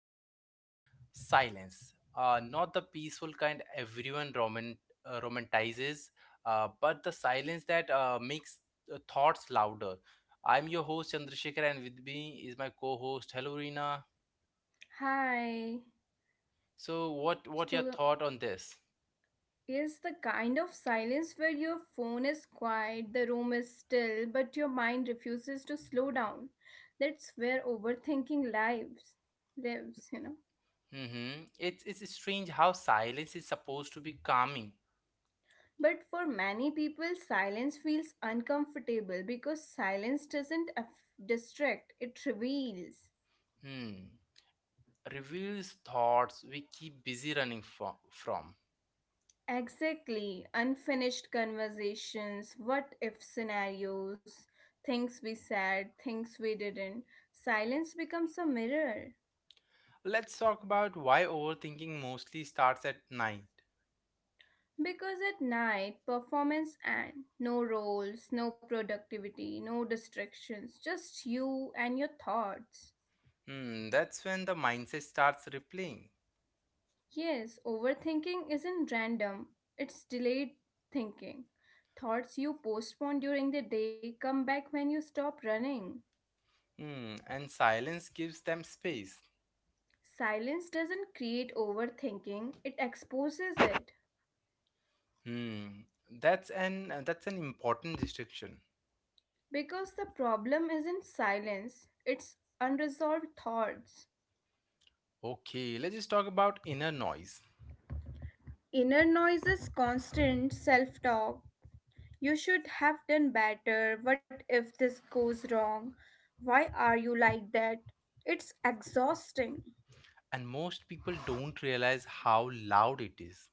honestly. Silence. Not the peaceful kind everyone romanticizes, but the silence that makes thoughts louder. I'm your host Chandrasekhar and with me is my co-host Hello Reena. Hi. So what your So thought on this? is the kind of silence where your phone is quiet, the room is still, but your mind refuses to slow down. That's where overthinking lives. Mhm. It's strange how silence is supposed to be calming. But for many people, silence feels uncomfortable because silence doesn't distract, it reveals. Hmm. Reveals thoughts we keep busy running from. Exactly. Unfinished conversations, what if scenarios, things we said, things we didn't. Silence becomes a mirror. Let's talk about why overthinking mostly starts at night. Because at night, performance and no roles, no productivity, no distractions, just you and your thoughts. Hmm, that's when the mindset starts replaying. Yes, overthinking isn't random, it's delayed thinking. Thoughts you postpone during the day come back when you stop running. Hmm, and silence gives them space. Silence doesn't create overthinking, it exposes it. Hmm, that's an important distinction. Because the problem isn't silence, it's unresolved thoughts. Okay, let's just talk about inner noise. Inner noise is constant self talk. You should have done better. What if this goes wrong? Why are you like that? It's exhausting. And most people don't realize how loud it is.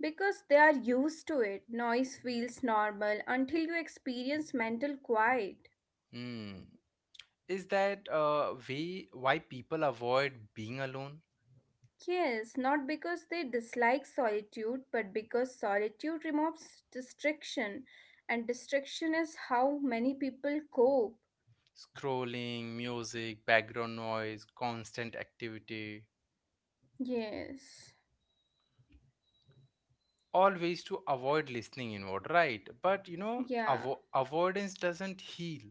Because they are used to it, noise feels normal until you experience mental quiet. Hmm, is that way why people avoid being alone? Yes, not because they dislike solitude, but because solitude removes distraction, and distraction is how many people cope. Scrolling, music, background noise, constant activity. Yes, All ways to avoid listening inward, right? But you know, yeah. Avoidance doesn't heal.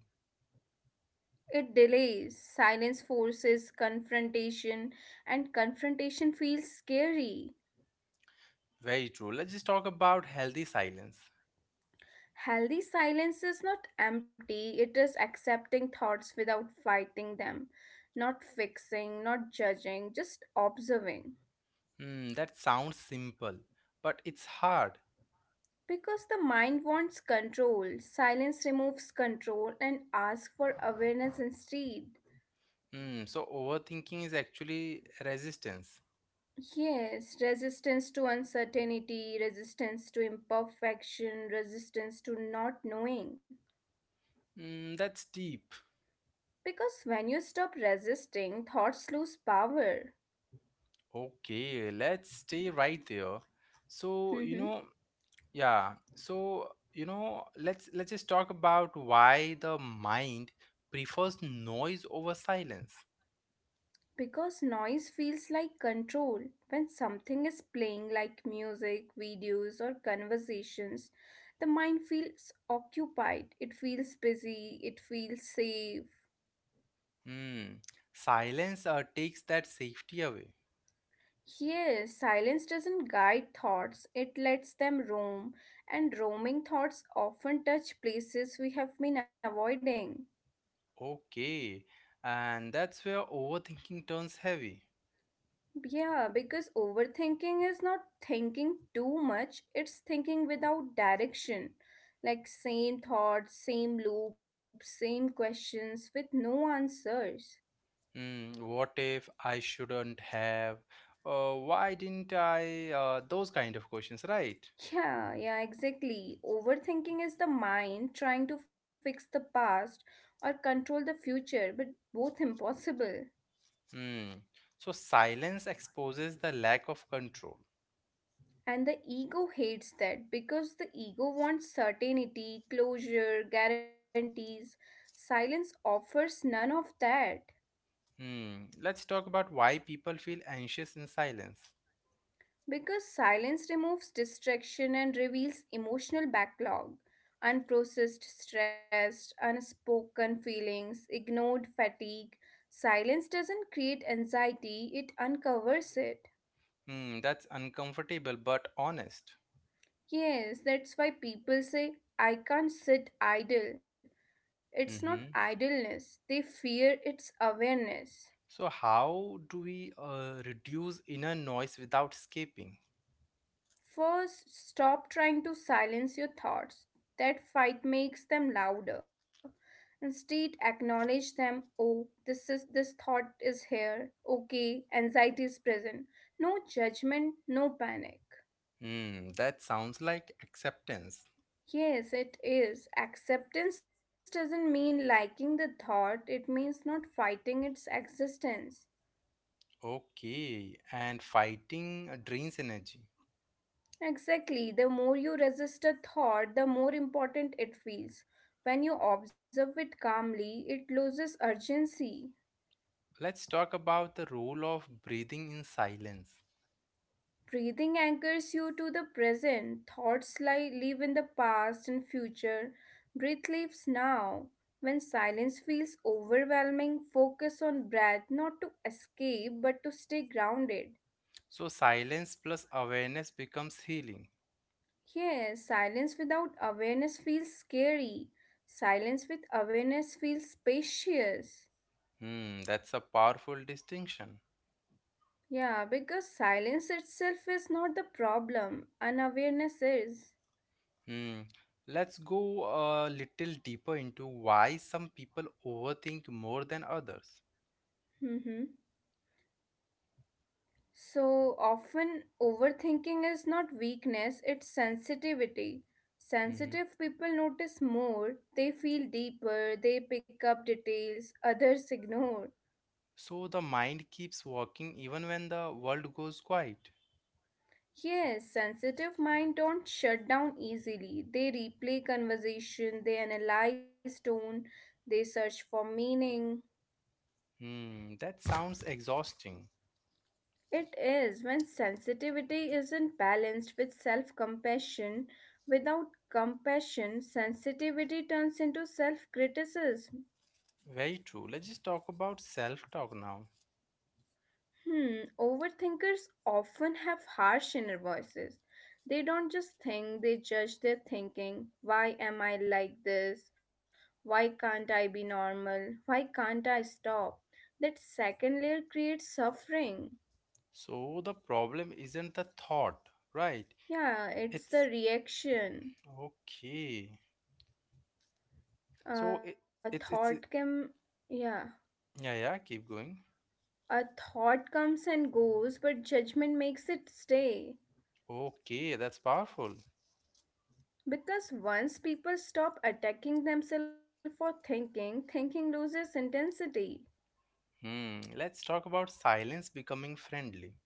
It delays. Silence forces confrontation, and confrontation feels scary. Very true. Let's just talk about healthy silence. Healthy silence is not empty, it is accepting thoughts without fighting them, not fixing, not judging, just observing. Hmm, that sounds simple, but it's hard. Because the mind wants control, silence removes control and asks for awareness instead. Hmm, so overthinking is actually resistance. Yes, resistance to uncertainty, resistance to imperfection, resistance to not knowing. Hmm, that's deep. Because when you stop resisting, thoughts lose power. Okay, let's stay right there. So, you know, Yeah. So, you know, let's just talk about why the mind prefers noise over silence. Because noise feels like control. When something is playing like music, videos, or conversations, the mind feels occupied, it feels busy, it feels safe. Hmm. Silence takes that safety away. Here, silence doesn't guide thoughts, it lets them roam, and roaming thoughts often touch places we have been avoiding. Okay. And that's where overthinking turns heavy. Yeah, because overthinking is not thinking too much, it's thinking without direction. Like same thoughts, same loops, same questions with no answers. Hmm. What if I shouldn't have? Why didn't I? Those kind of questions, right? Yeah, yeah, exactly. Overthinking is the mind trying to fix the past or control the future, but both impossible. Hmm. So silence exposes the lack of control. And the ego hates that because the ego wants certainty, closure, guarantees. Silence offers none of that. Hmm. Let's talk about why people feel anxious in silence. Because silence removes distraction and reveals emotional backlog, unprocessed stress, unspoken feelings, ignored fatigue. Silence doesn't create anxiety, it uncovers it. Hmm. That's uncomfortable but honest. Yes, that's why people say, I can't sit idle. It's not Mm-hmm. idleness, they fear its awareness. So, how do we reduce inner noise without escaping? First, stop trying to silence your thoughts. That fight makes them louder. Instead, acknowledge them. Oh, this thought is here. Okay, anxiety is present. No judgment, no panic. Hmm. That sounds like acceptance. Yes, it is. Acceptance doesn't mean liking the thought, it means not fighting its existence. Okay. And fighting drains energy. Exactly. The more you resist a thought, the more important it feels. When you observe it calmly, it loses urgency. Let's talk about the role of breathing in silence. Breathing anchors you to the present. Live in the past and future. Breath lives now. When silence feels overwhelming, focus on breath, not to escape, but to stay grounded. So, silence plus awareness becomes healing. Yes, silence without awareness feels scary. Silence with awareness feels spacious. Hmm. That's a powerful distinction. Yeah, because silence itself is not the problem, unawareness is. Hmm. Let's go a little deeper into why some people overthink more than others. hmm So often, overthinking is not weakness, it's sensitivity. Hmm. Sensitive people notice more, they feel deeper, they pick up details others ignore. So the mind keeps working even when the world goes quiet. Yes, sensitive mind don't shut down easily. They replay conversation, they analyze tone, they search for meaning. Hmm, that sounds exhausting. It is when sensitivity isn't balanced with self compassion. Without compassion, sensitivity turns into self criticism. Very true. Let's just talk about self talk now. Overthinkers often have harsh inner voices. They don't just think, they judge their thinking. Why am I like this? Why can't I be normal? Why can't I stop? That second layer creates suffering. So the problem isn't the thought, right? Yeah, it's It's the reaction. okay. So it, it's Thought it- can, yeah. Yeah, yeah, keep going. A thought comes and goes, but judgment makes it stay. Okay, that's powerful. Because once people stop attacking themselves for thinking, thinking loses intensity. Hmm, let's talk about silence becoming friendly.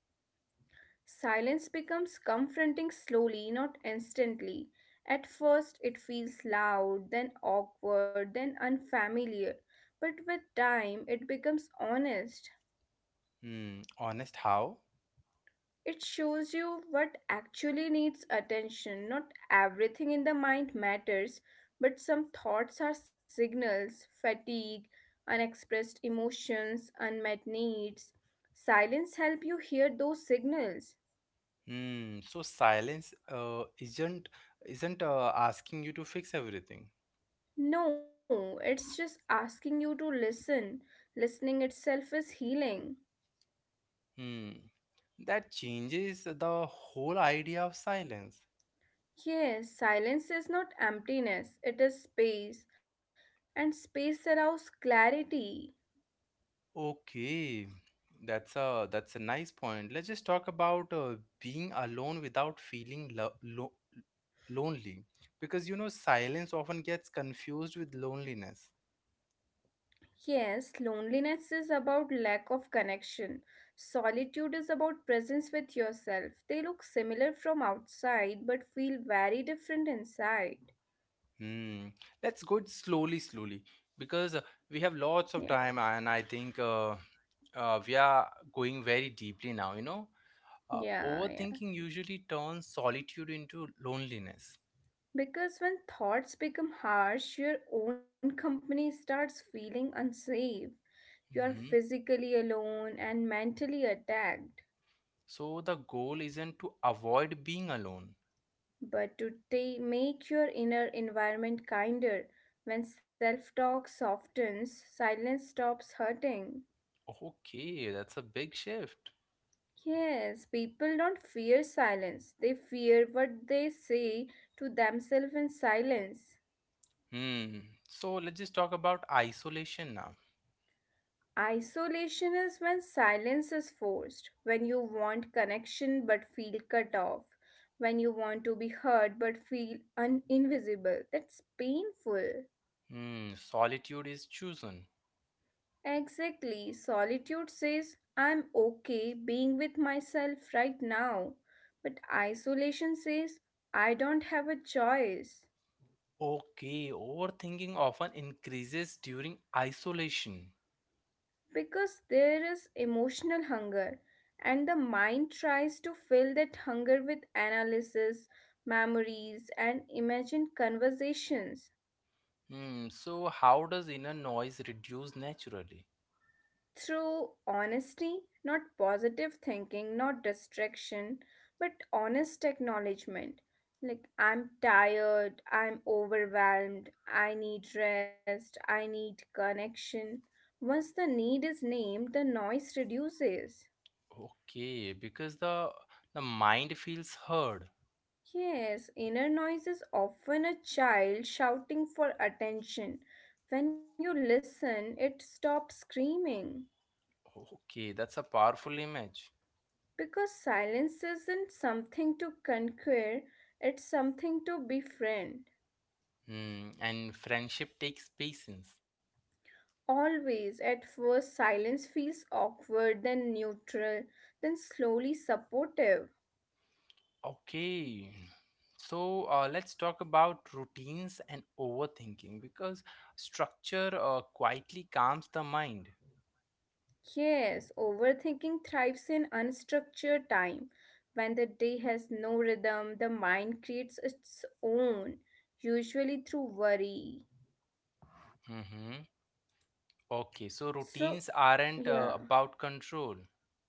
Silence becomes confronting slowly, not instantly. At first, it feels loud, then awkward, then unfamiliar. But with time, it becomes honest. Hmm, honest how? It shows you what actually needs attention. Not everything in the mind matters, but some thoughts are signals fatigue, unexpressed emotions, unmet needs. Silence help you hear those signals. Hmm, so silence isn't asking you to fix everything. No, it's just asking you to listen. Listening itself is healing. Hmm, that changes the whole idea of silence. Yes, silence is not emptiness, it is space, and space allows clarity. Okay, that's a nice point. Let's just talk about being alone without feeling lo lo lonely, because you know silence often gets confused with loneliness. Yes, loneliness is about lack of connection. Solitude is about presence with yourself. They look similar from outside but feel very different inside. Hmm, let's go it slowly, slowly, because Yeah, we have lots of time, and I think. We are going very deeply now, you know, yeah, yeah. overthinking usually turns solitude into loneliness. Because when thoughts become harsh, your own company starts feeling unsafe. You are Hmm. physically alone and mentally attacked. So the goal isn't to avoid being alone. But to make your inner environment kinder, when self talk softens, silence stops hurting. Okay, that's a big shift. Yes, people don't fear silence. They fear what they say to themselves in silence. Hmm, so let's just talk about isolation now. Isolation is when silence is forced, when you want connection but feel cut off, when you want to be heard but feel invisible. That's painful. Hmm, solitude is chosen. Exactly. Solitude says, I'm okay being with myself right now. But isolation says, I don't have a choice. Okay, overthinking often increases during isolation. Because there is emotional hunger, and the mind tries to fill that hunger with analysis, memories, and imagined conversations Hmm, so how does inner noise reduce naturally? through honesty, not positive thinking, not distraction, but honest acknowledgement. Like I'm tired, I'm overwhelmed, I need rest, I need connection. Once the need is named, the noise reduces. Okay, because the mind feels heard. Yes, inner noise is often a child shouting for attention. When you listen, it stops screaming. Okay, that's a powerful image. Because silence isn't something to conquer, it's something to befriend. Hmm, and friendship takes patience. Always, at first, silence feels awkward, then neutral, then slowly supportive. Okay. So let's talk about routines and overthinking because structure quietly calms the mind. Yes, overthinking thrives in unstructured time. When the day has no rhythm, the mind creates its own, usually through worry. Mm-hmm. Okay, So, so routines yeah, aren't about control.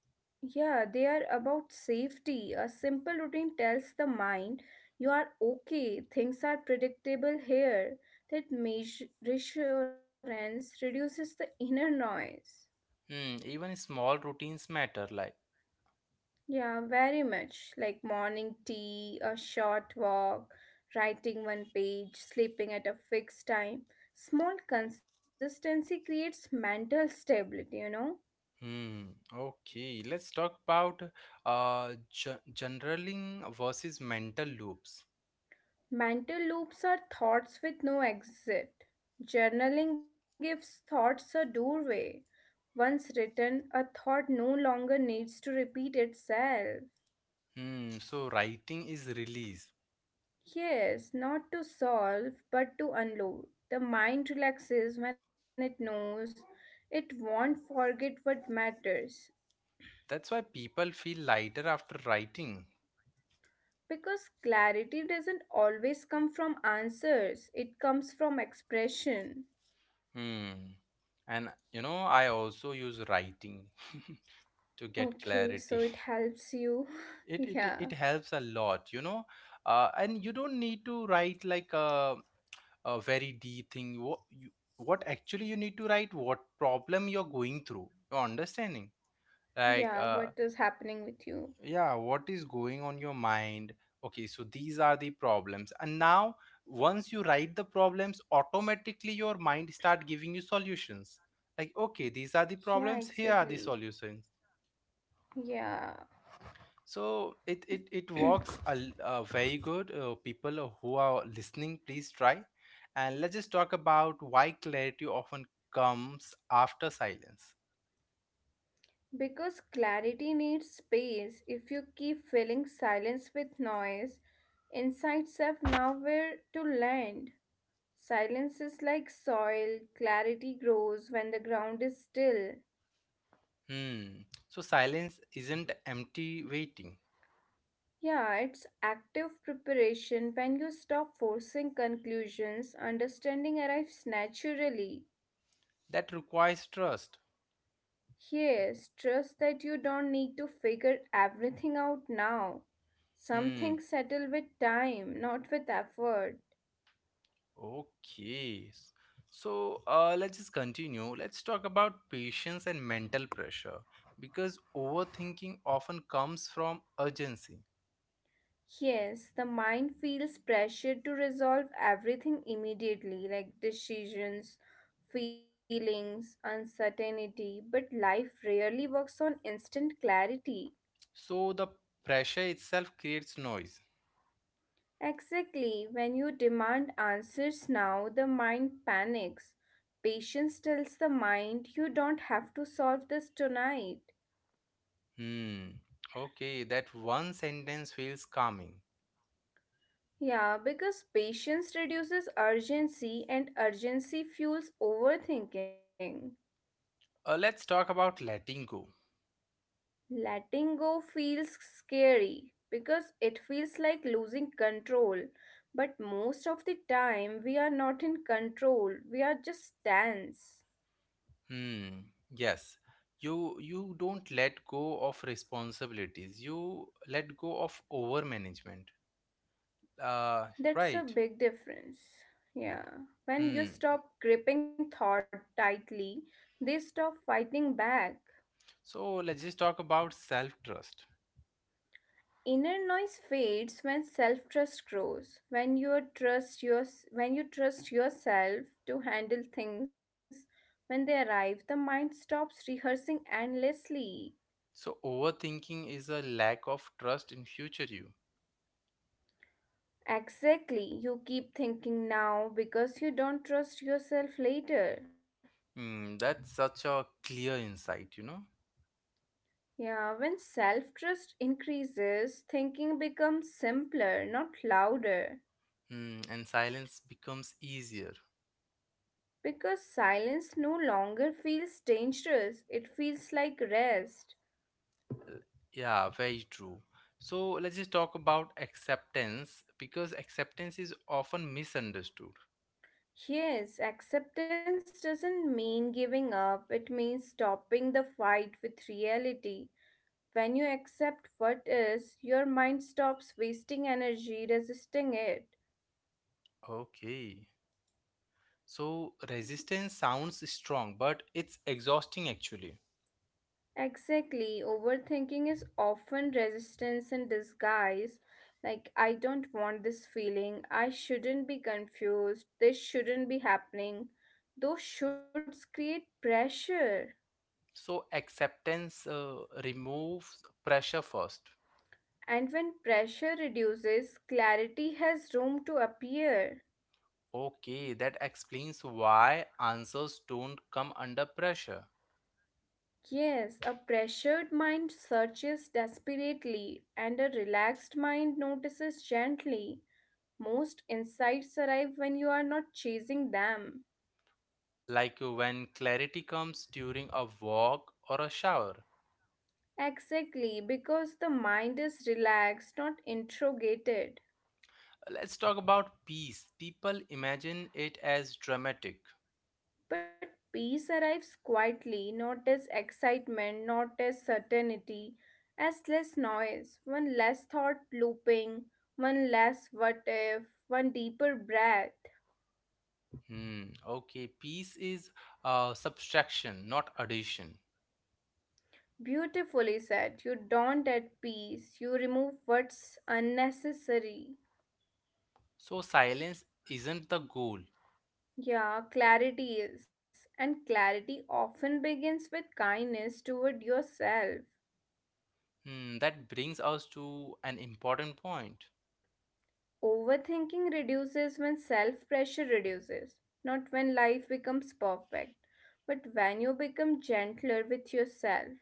yeah, they are about safety. A simple routine tells the mind you are okay, things are predictable here. That reassurance reduces the inner noise. Hmm, even small routines matter, like. Yeah, very much. Like morning tea, a short walk, writing one page, sleeping at a fixed time. Small consistency creates mental stability, you know. Hmm. Okay, let's talk about generaling versus mental loops. Mental loops are thoughts with no exit. Journaling gives thoughts a doorway. Once written, a thought no longer needs to repeat itself. Hmm. So writing is release. Yes, not to solve, but to unload. The mind relaxes when it knows it won't forget what matters. That's why people feel lighter after writing. Because clarity doesn't always come from answers, it comes from expression. Hmm. And you know, I also use writing to get Okay, so clarity. it helps you. It it Yeah, it helps a lot, you know. And you don't need to write like a very deep thing. What actually you need to write? What problem you're going through? You're understanding? Like yeah, what is happening with you? yeah, what is going on your mind. Okay, so these are the problems, and now once you write the problems, automatically your mind start giving you solutions, like, okay, these are the Yeah, problems, here are exactly. the solutions. Yeah, So it works very good. People who are listening, please try. And let's just talk about why clarity often comes after silence. because clarity needs space. If you keep filling silence with noise, insights have nowhere to land. Silence is like soil, clarity grows when the ground is still. Hmm, so silence isn't empty waiting. Yeah, it's active preparation when you stop forcing conclusions, understanding arrives naturally. That requires trust. Yes, trust that you don't need to figure everything out now. Some Hmm. things settle with time, not with effort. Okay. So let's just continue. Let's talk about patience and mental pressure because overthinking often comes from urgency. Yes, the mind feels pressured to resolve everything immediately, like decisions, feelings, uncertainty, but life rarely works on instant clarity. So the pressure itself creates noise. Exactly, when you demand answers now, the mind panics. Patience tells the mind you don't have to solve this tonight. Hmm. Okay, that one sentence feels calming. Yeah, because patience reduces urgency and urgency fuels overthinking. Let's talk about letting go. Letting go feels scary because it feels like losing control. But most of the time, we are not in control, we are just tense. Hmm. Yes. You don't let go of responsibilities. You let go of overmanagement. Uh, That's a right. big difference. Yeah. When you Hmm. stop gripping thought tightly, they stop fighting back. So let's just talk about self trust. Inner noise fades when self-trust grows, when you trust yourself to handle things when they arrive, the mind stops rehearsing endlessly. So, overthinking is a lack of trust in future you. Exactly, you keep thinking now because you don't trust yourself later. Hmm, that's such a clear insight, you know. Yeah, when self-trust increases, thinking becomes simpler, not louder. Hmm, and silence becomes easier. Because silence no longer feels dangerous, it feels like rest. Yeah, very true. So, let's just talk about acceptance because acceptance is often misunderstood. Yes, acceptance doesn't mean giving up, it means stopping the fight with reality. When you accept what is, your mind stops wasting energy resisting it. Okay. So, resistance sounds strong, but it's exhausting actually. Exactly, overthinking is often resistance in disguise. Like, I don't want this feeling, I shouldn't be confused, this shouldn't be happening. Those shoulds create pressure. So, acceptance removes pressure first. And when pressure reduces, clarity has room to appear. Okay, that explains why answers don't come under pressure, Yes, a pressured mind searches desperately, and a relaxed mind notices gently. Most insights arrive when you are not chasing them. like when clarity comes during a walk or a shower. Exactly, because the mind is relaxed, not interrogated. Let's talk about peace. People imagine it as dramatic. But peace arrives quietly, not as excitement, not as certainty, as less noise, one less thought looping, one less what if, one deeper breath. Hmm, okay, peace is subtraction, not addition. Beautifully said, you don't at peace, you remove what's unnecessary. So silence isn't the goal. Yeah, clarity is, and clarity often begins with kindness toward yourself. Hmm, that brings us to an important point. Overthinking reduces when self pressure reduces, not when life becomes perfect, but when you become gentler with yourself.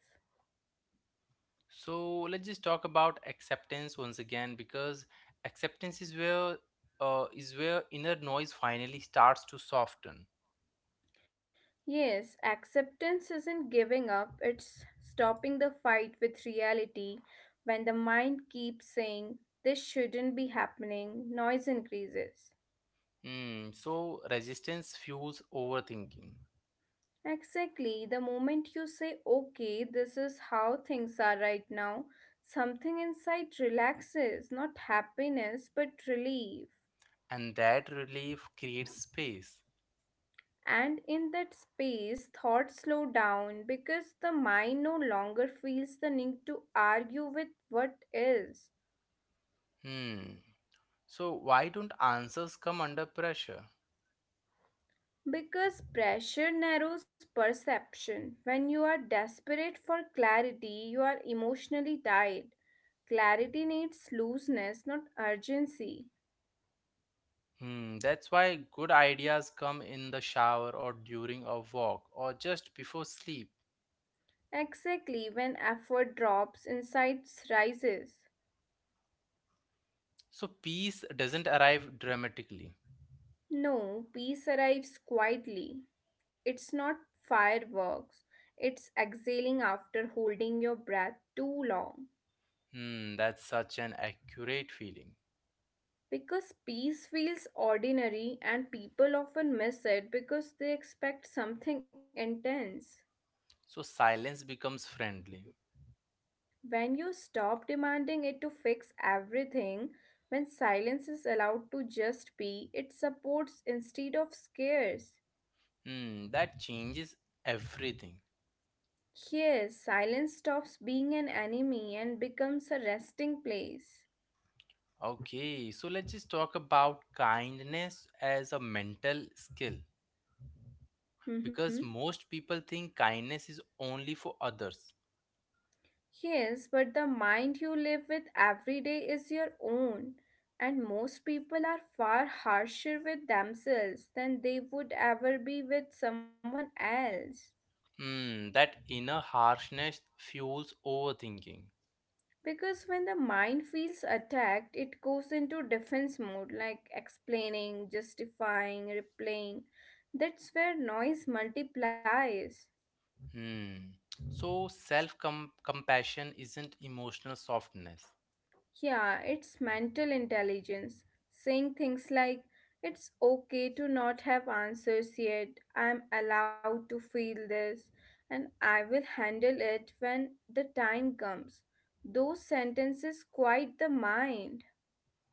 So let's just talk about acceptance once again because acceptance is where inner noise finally starts to soften. Yes, acceptance isn't giving up, it's stopping the fight with reality when the mind keeps saying, this shouldn't be happening, noise increases. Hmm. So resistance fuels overthinking, Exactly. The moment you say, okay, this is how things are right now, something inside relaxes, not happiness, but relief. and that relief creates space. And in that space, thoughts slow down because the mind no longer feels the need to argue with what is. Hmm. So why don't answers come under pressure? Because pressure narrows perception. When you are desperate for clarity, you are emotionally tied. Clarity needs looseness, not urgency. Hmm. That's why good ideas come in the shower or during a walk or just before sleep. Exactly, when effort drops, insights rises. So peace doesn't arrive dramatically. No, peace arrives quietly. It's not fireworks, it's exhaling after holding your breath too long. Hmm, that's such an accurate feeling. Because peace feels ordinary, and people often miss it because they expect something intense. So silence becomes friendly. When you stop demanding it to fix everything, when silence is allowed to just be, it supports instead of scares. Hmm, that changes everything. Yes, silence stops being an enemy and becomes a resting place. Okay, so let's just talk about kindness as a mental skill Mm-hmm. because most people think kindness is only for others. Yes, but the mind you live with every day is your own, and most people are far harsher with themselves than they would ever be with someone else. Hmm, that inner harshness fuels overthinking. Because when the mind feels attacked, it goes into defense mode like explaining, justifying, replaying. That's where noise multiplies. Hmm, so self compassion isn't emotional softness. Yeah, it's mental intelligence. Saying things like, it's okay to not have answers yet, I'm allowed to feel this, and I will handle it when the time comes. Those sentences quiet the mind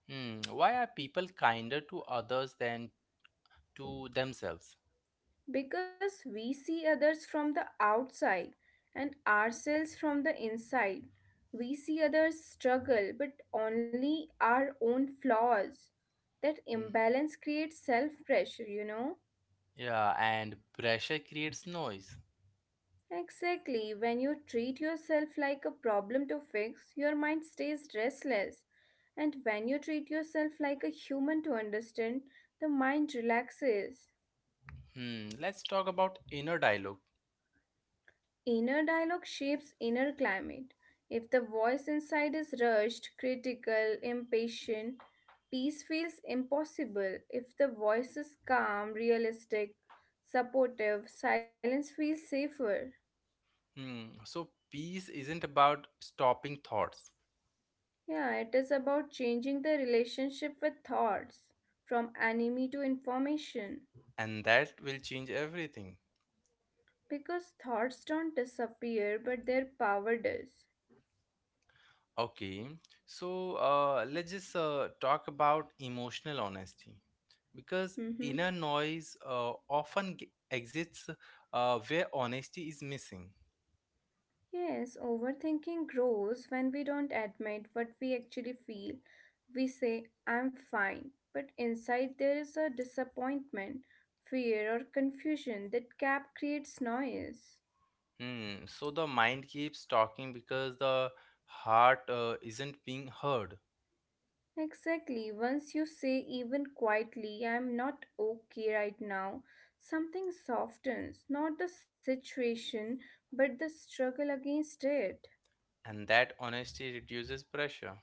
Hmm, why are people kinder to others than to themselves? because we see others from the outside and ourselves from the inside. We see others struggle, but only our own flaws. That Hmm. imbalance creates self pressure, Yeah, and pressure creates noise. Exactly, when you treat yourself like a problem to fix, your mind stays restless. And when you treat yourself like a human to understand, the mind relaxes. Hmm. Let's talk about inner dialogue. Inner dialogue shapes inner climate. If the voice inside is rushed, critical, impatient, peace feels impossible. If the voice is calm, realistic, supportive, silence feels safer. Hmm. So, peace isn't about stopping thoughts, Yeah, it is about changing the relationship with thoughts from enemy to information and that will change everything. because thoughts don't disappear but their power does. Okay, so let's just talk about emotional honesty because Mm-hmm. inner noise exists where honesty is missing. Yes, overthinking grows when we don't admit what we actually feel. We say, I'm fine, but inside there is a disappointment, fear, or confusion that gap creates noise. Hmm. So, the mind keeps talking because the heart isn't being heard. Exactly. Once you say, even quietly, I'm not okay right now, something softens, not the situation, but the struggle against it. And that honesty reduces pressure.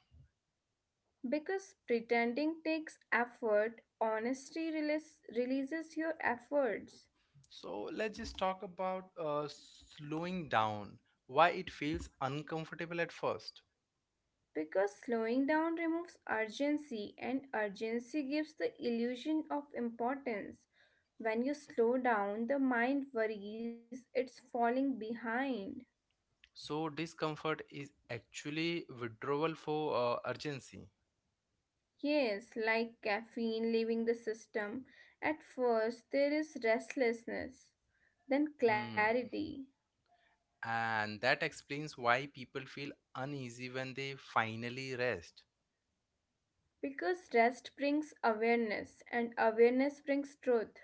Because pretending takes effort, releases your efforts. So let's just talk about slowing down, why it feels uncomfortable at first. Because slowing down removes urgency, and urgency gives the illusion of importance. When you slow down, the mind worries it's falling behind. So, discomfort is actually withdrawal for urgency. Yes, like caffeine leaving the system, at first there is restlessness, then Hmm. clarity. And that explains why people feel uneasy when they finally rest. Because rest brings awareness, and awareness brings truth.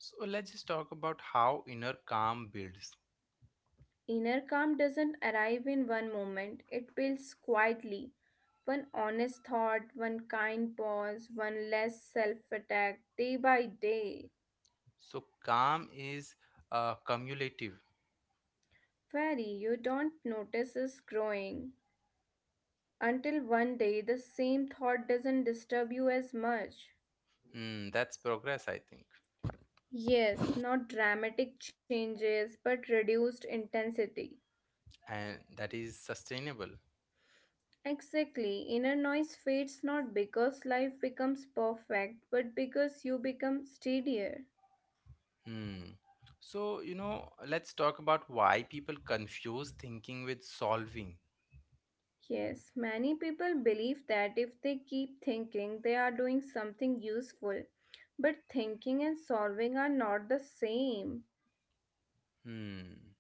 So, let's just talk about how inner calm builds. Inner calm doesn't arrive in one moment, it builds quietly. One honest thought, one kind pause, one less self attack, day by day. So, calm is cumulative. Very, you don't notice is growing. Until one day the same thought doesn't disturb you as much. Hmm, that's progress, I think, Yes, not dramatic changes, but reduced intensity. and that is sustainable. Exactly. Inner noise fades not because life becomes perfect, but because you become steadier. Hmm. So, you know, let's talk about why people confuse thinking with solving. Yes, many people believe that if they keep thinking, they are doing something useful. But thinking and solving are not the same. Hmm.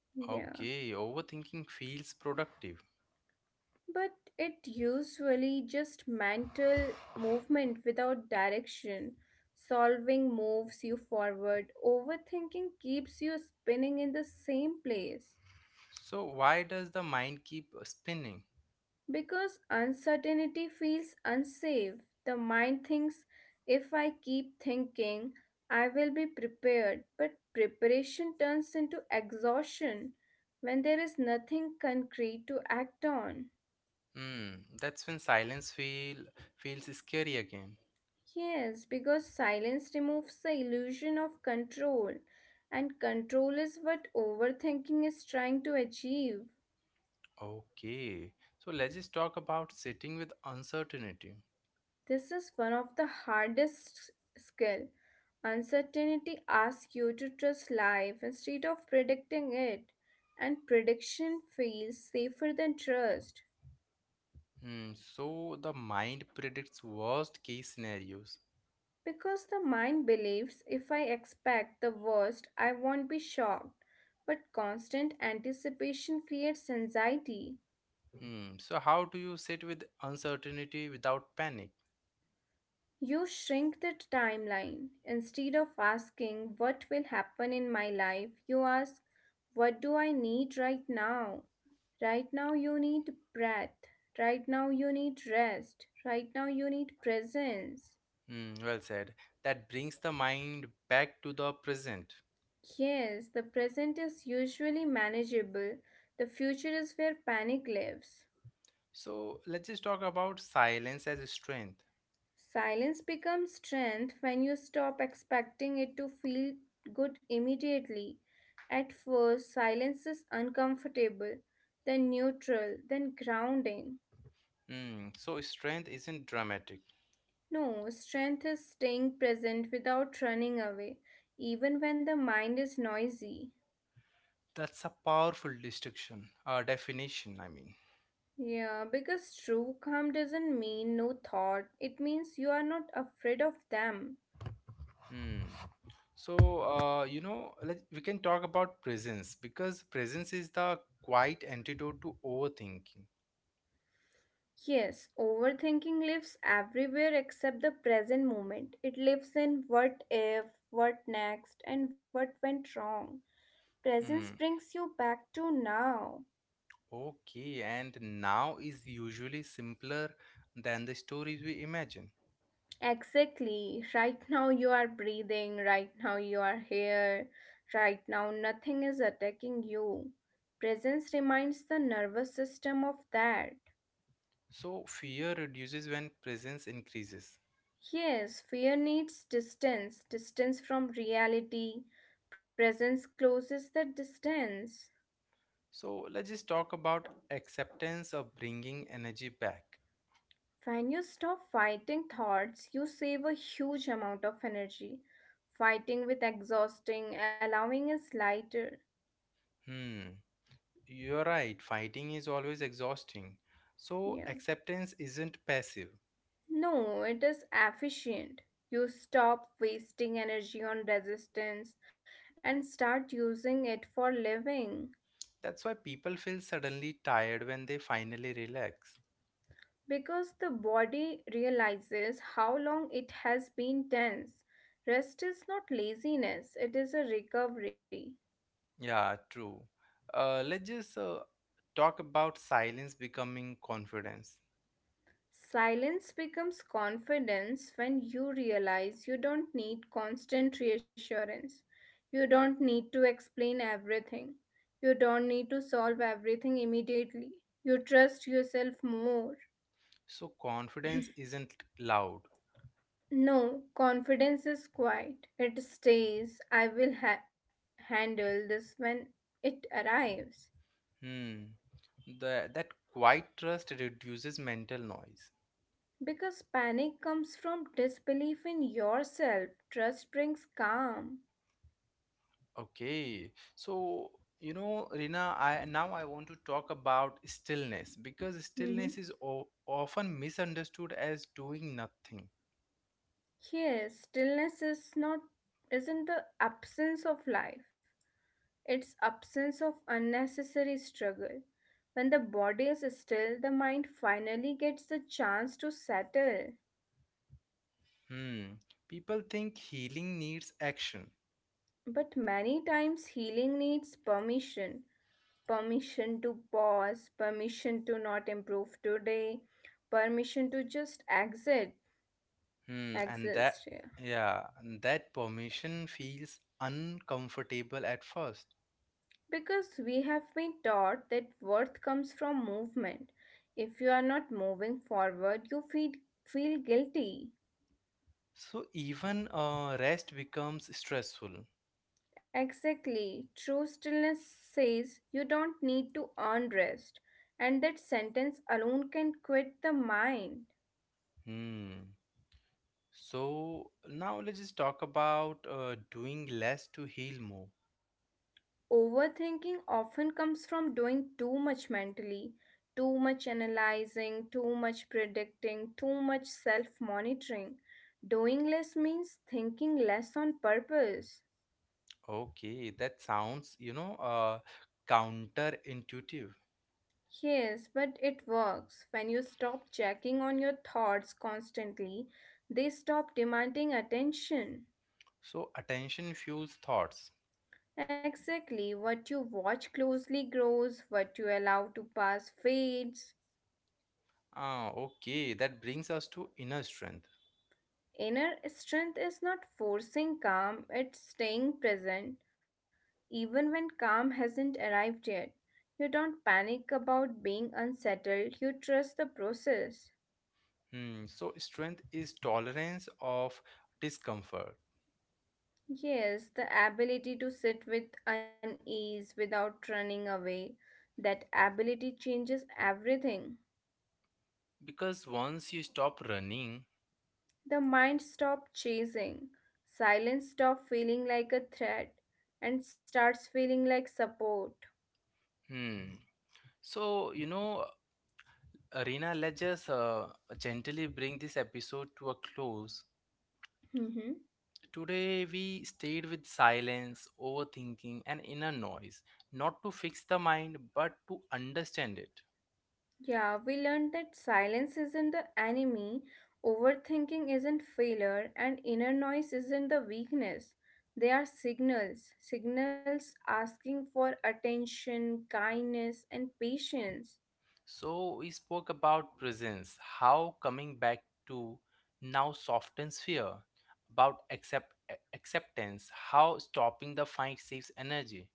Yeah. Okay, overthinking feels productive. But it usually just mental movement without direction. Solving moves you forward. Overthinking keeps you spinning in the same place. So, why does the mind keep spinning? Because uncertainty feels unsafe. The mind thinks if I keep thinking, I will be prepared. But preparation turns into exhaustion when there is nothing concrete to act on. Hmm. That's when silence feels scary again. Yes, because silence removes the illusion of control, and control is what overthinking is trying to achieve. Okay. So, let's just talk about sitting with uncertainty. This is one of the hardest skill. Uncertainty asks you to trust life instead of predicting it, and prediction feels safer than trust Hmm. So, the mind predicts worst case scenarios. because the mind believes if I expect the worst, I won't be shocked. But constant anticipation creates anxiety. Hmm. So, how do you sit with uncertainty without panic? You shrink the timeline. Instead of asking, what will happen in my life? You ask, what do I need right now? Right now, you need breath. Right now, you need rest. Right now, you need presence. Hmm. Well said. That brings the mind back to the present. Yes, the present is usually manageable. The future is where panic lives. So let's just talk about silence as strength. Silence becomes strength when you stop expecting it to feel good immediately. At first, silence is uncomfortable, then neutral, then grounding. Hmm. So strength isn't dramatic. No, strength is staying present without running away, even when the mind is noisy. That's a powerful distinction, definition, I mean. Yeah, because true calm doesn't mean no thought, it means you are not afraid of them. Hmm. So you know, let we can talk about presence because presence is the quiet antidote to overthinking. Yes, overthinking lives everywhere except the present moment. It lives in what if, what next, and what went wrong. Presence Hmm. brings you back to now. Okay, and now is usually simpler than the stories we imagine. Exactly. Right now you are breathing, right now you are here, right now nothing is attacking you. Presence reminds the nervous system of that. So, fear reduces when presence increases. Yes, fear needs distance, distance from reality. Presence closes the distance. So, let's just talk about acceptance of bringing energy back. When you stop fighting thoughts, you save a huge amount of energy. Fighting with exhausting, allowing is lighter. Hmm, you're right, fighting is always exhausting. So, Yeah. acceptance isn't passive. No, it is efficient. You stop wasting energy on resistance and start using it for living. That's why people feel suddenly tired when they finally relax. Because the body realizes how long it has been tense. Rest is not laziness, it is a recovery. Yeah, true. Let's just talk about silence becoming confidence. Silence becomes confidence when you realize you don't need constant reassurance. You don't need to explain everything. You don't need to solve everything immediately. You trust yourself more. So, confidence isn't loud. No, confidence is quiet. It stays, handle this when it arrives. Hmm. That quiet trust reduces mental noise. Because panic comes from disbelief in yourself. Trust brings calm. Okay. So, you know, Rina, I now I want to talk about stillness because Mhm. stillness is often misunderstood as doing nothing. Yes, stillness is not isn't the absence of life. It's absence of unnecessary struggle. When the body is still, the mind finally gets the chance to settle. Hmm. People think healing needs action. But many times healing needs permission. Permission to pause, permission to not improve today, permission to just Hmm. Exist. Yeah. Yeah, and that permission feels uncomfortable at first. Because we have been taught that worth comes from movement. If you are not moving forward, feel guilty. So even rest becomes stressful. Exactly. True stillness says you don't need to earn rest. And that sentence alone can quit the mind. Hmm. So now let's just talk about doing less to heal more. Overthinking often comes from doing too much mentally, too much analyzing, too much predicting, too much self monitoring. Doing less means thinking less on purpose. Okay, that sounds, you know, counterintuitive. Yes, but it works. When you stop checking on your thoughts constantly, they stop demanding attention. So attention fuels thoughts. Exactly, what you watch closely grows, what you allow to pass fades. Ah, okay, that brings us to inner strength. Inner strength is not forcing calm, it's staying present. Even when calm hasn't arrived yet, you don't panic about being unsettled, you trust the process. Hmm, so strength is tolerance of discomfort Yes, the ability to sit with unease without running away. That ability changes everything. because once you stop running, The mind stops chasing. Silence stops feeling like a threat and starts feeling like support. hmm. So, you know, Arena, let's just gently bring this episode to a close. Today, we stayed with silence, overthinking, and inner noise, not to fix the mind, but to understand it. Yeah, we learned that silence isn't the enemy, overthinking isn't failure, and inner noise isn't the weakness. They are signals, signals asking for attention, kindness, and patience. So, we spoke about presence, how coming back to now softens fear, about acceptance, how stopping the fight saves energy.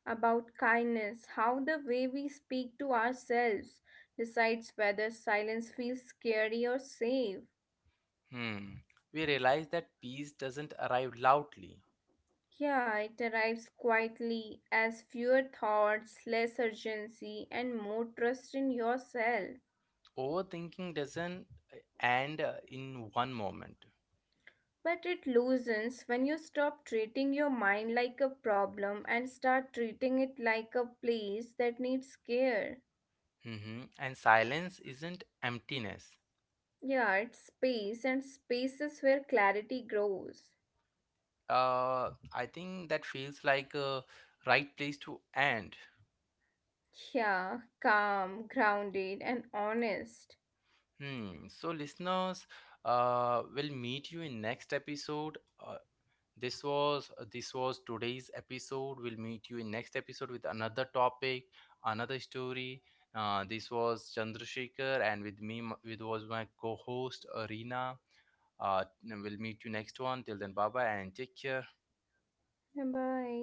About kindness, how the way we speak to ourselves decides whether silence feels scary or safe. Hmm. We realized that peace doesn't arrive loudly, Yeah, it arrives quietly as fewer thoughts, less urgency, and more trust in yourself. overthinking doesn't end in one moment. But it loosens when you stop treating your mind like a problem and start treating it like a place that needs care. Mhm. And silence isn't emptiness. Yeah, it's space, and space is where clarity grows. I think that feels like a right place to end. Yeah, calm, grounded, and honest. Hmm. So, listeners, we'll meet you in next episode. Uh, this was today's episode. We'll meet you in next episode with another topic, another story. This was Chandrasekhar, and with me, with was my co-host Arena. We'll meet you next one. Till then, bye bye, and take care. Bye bye.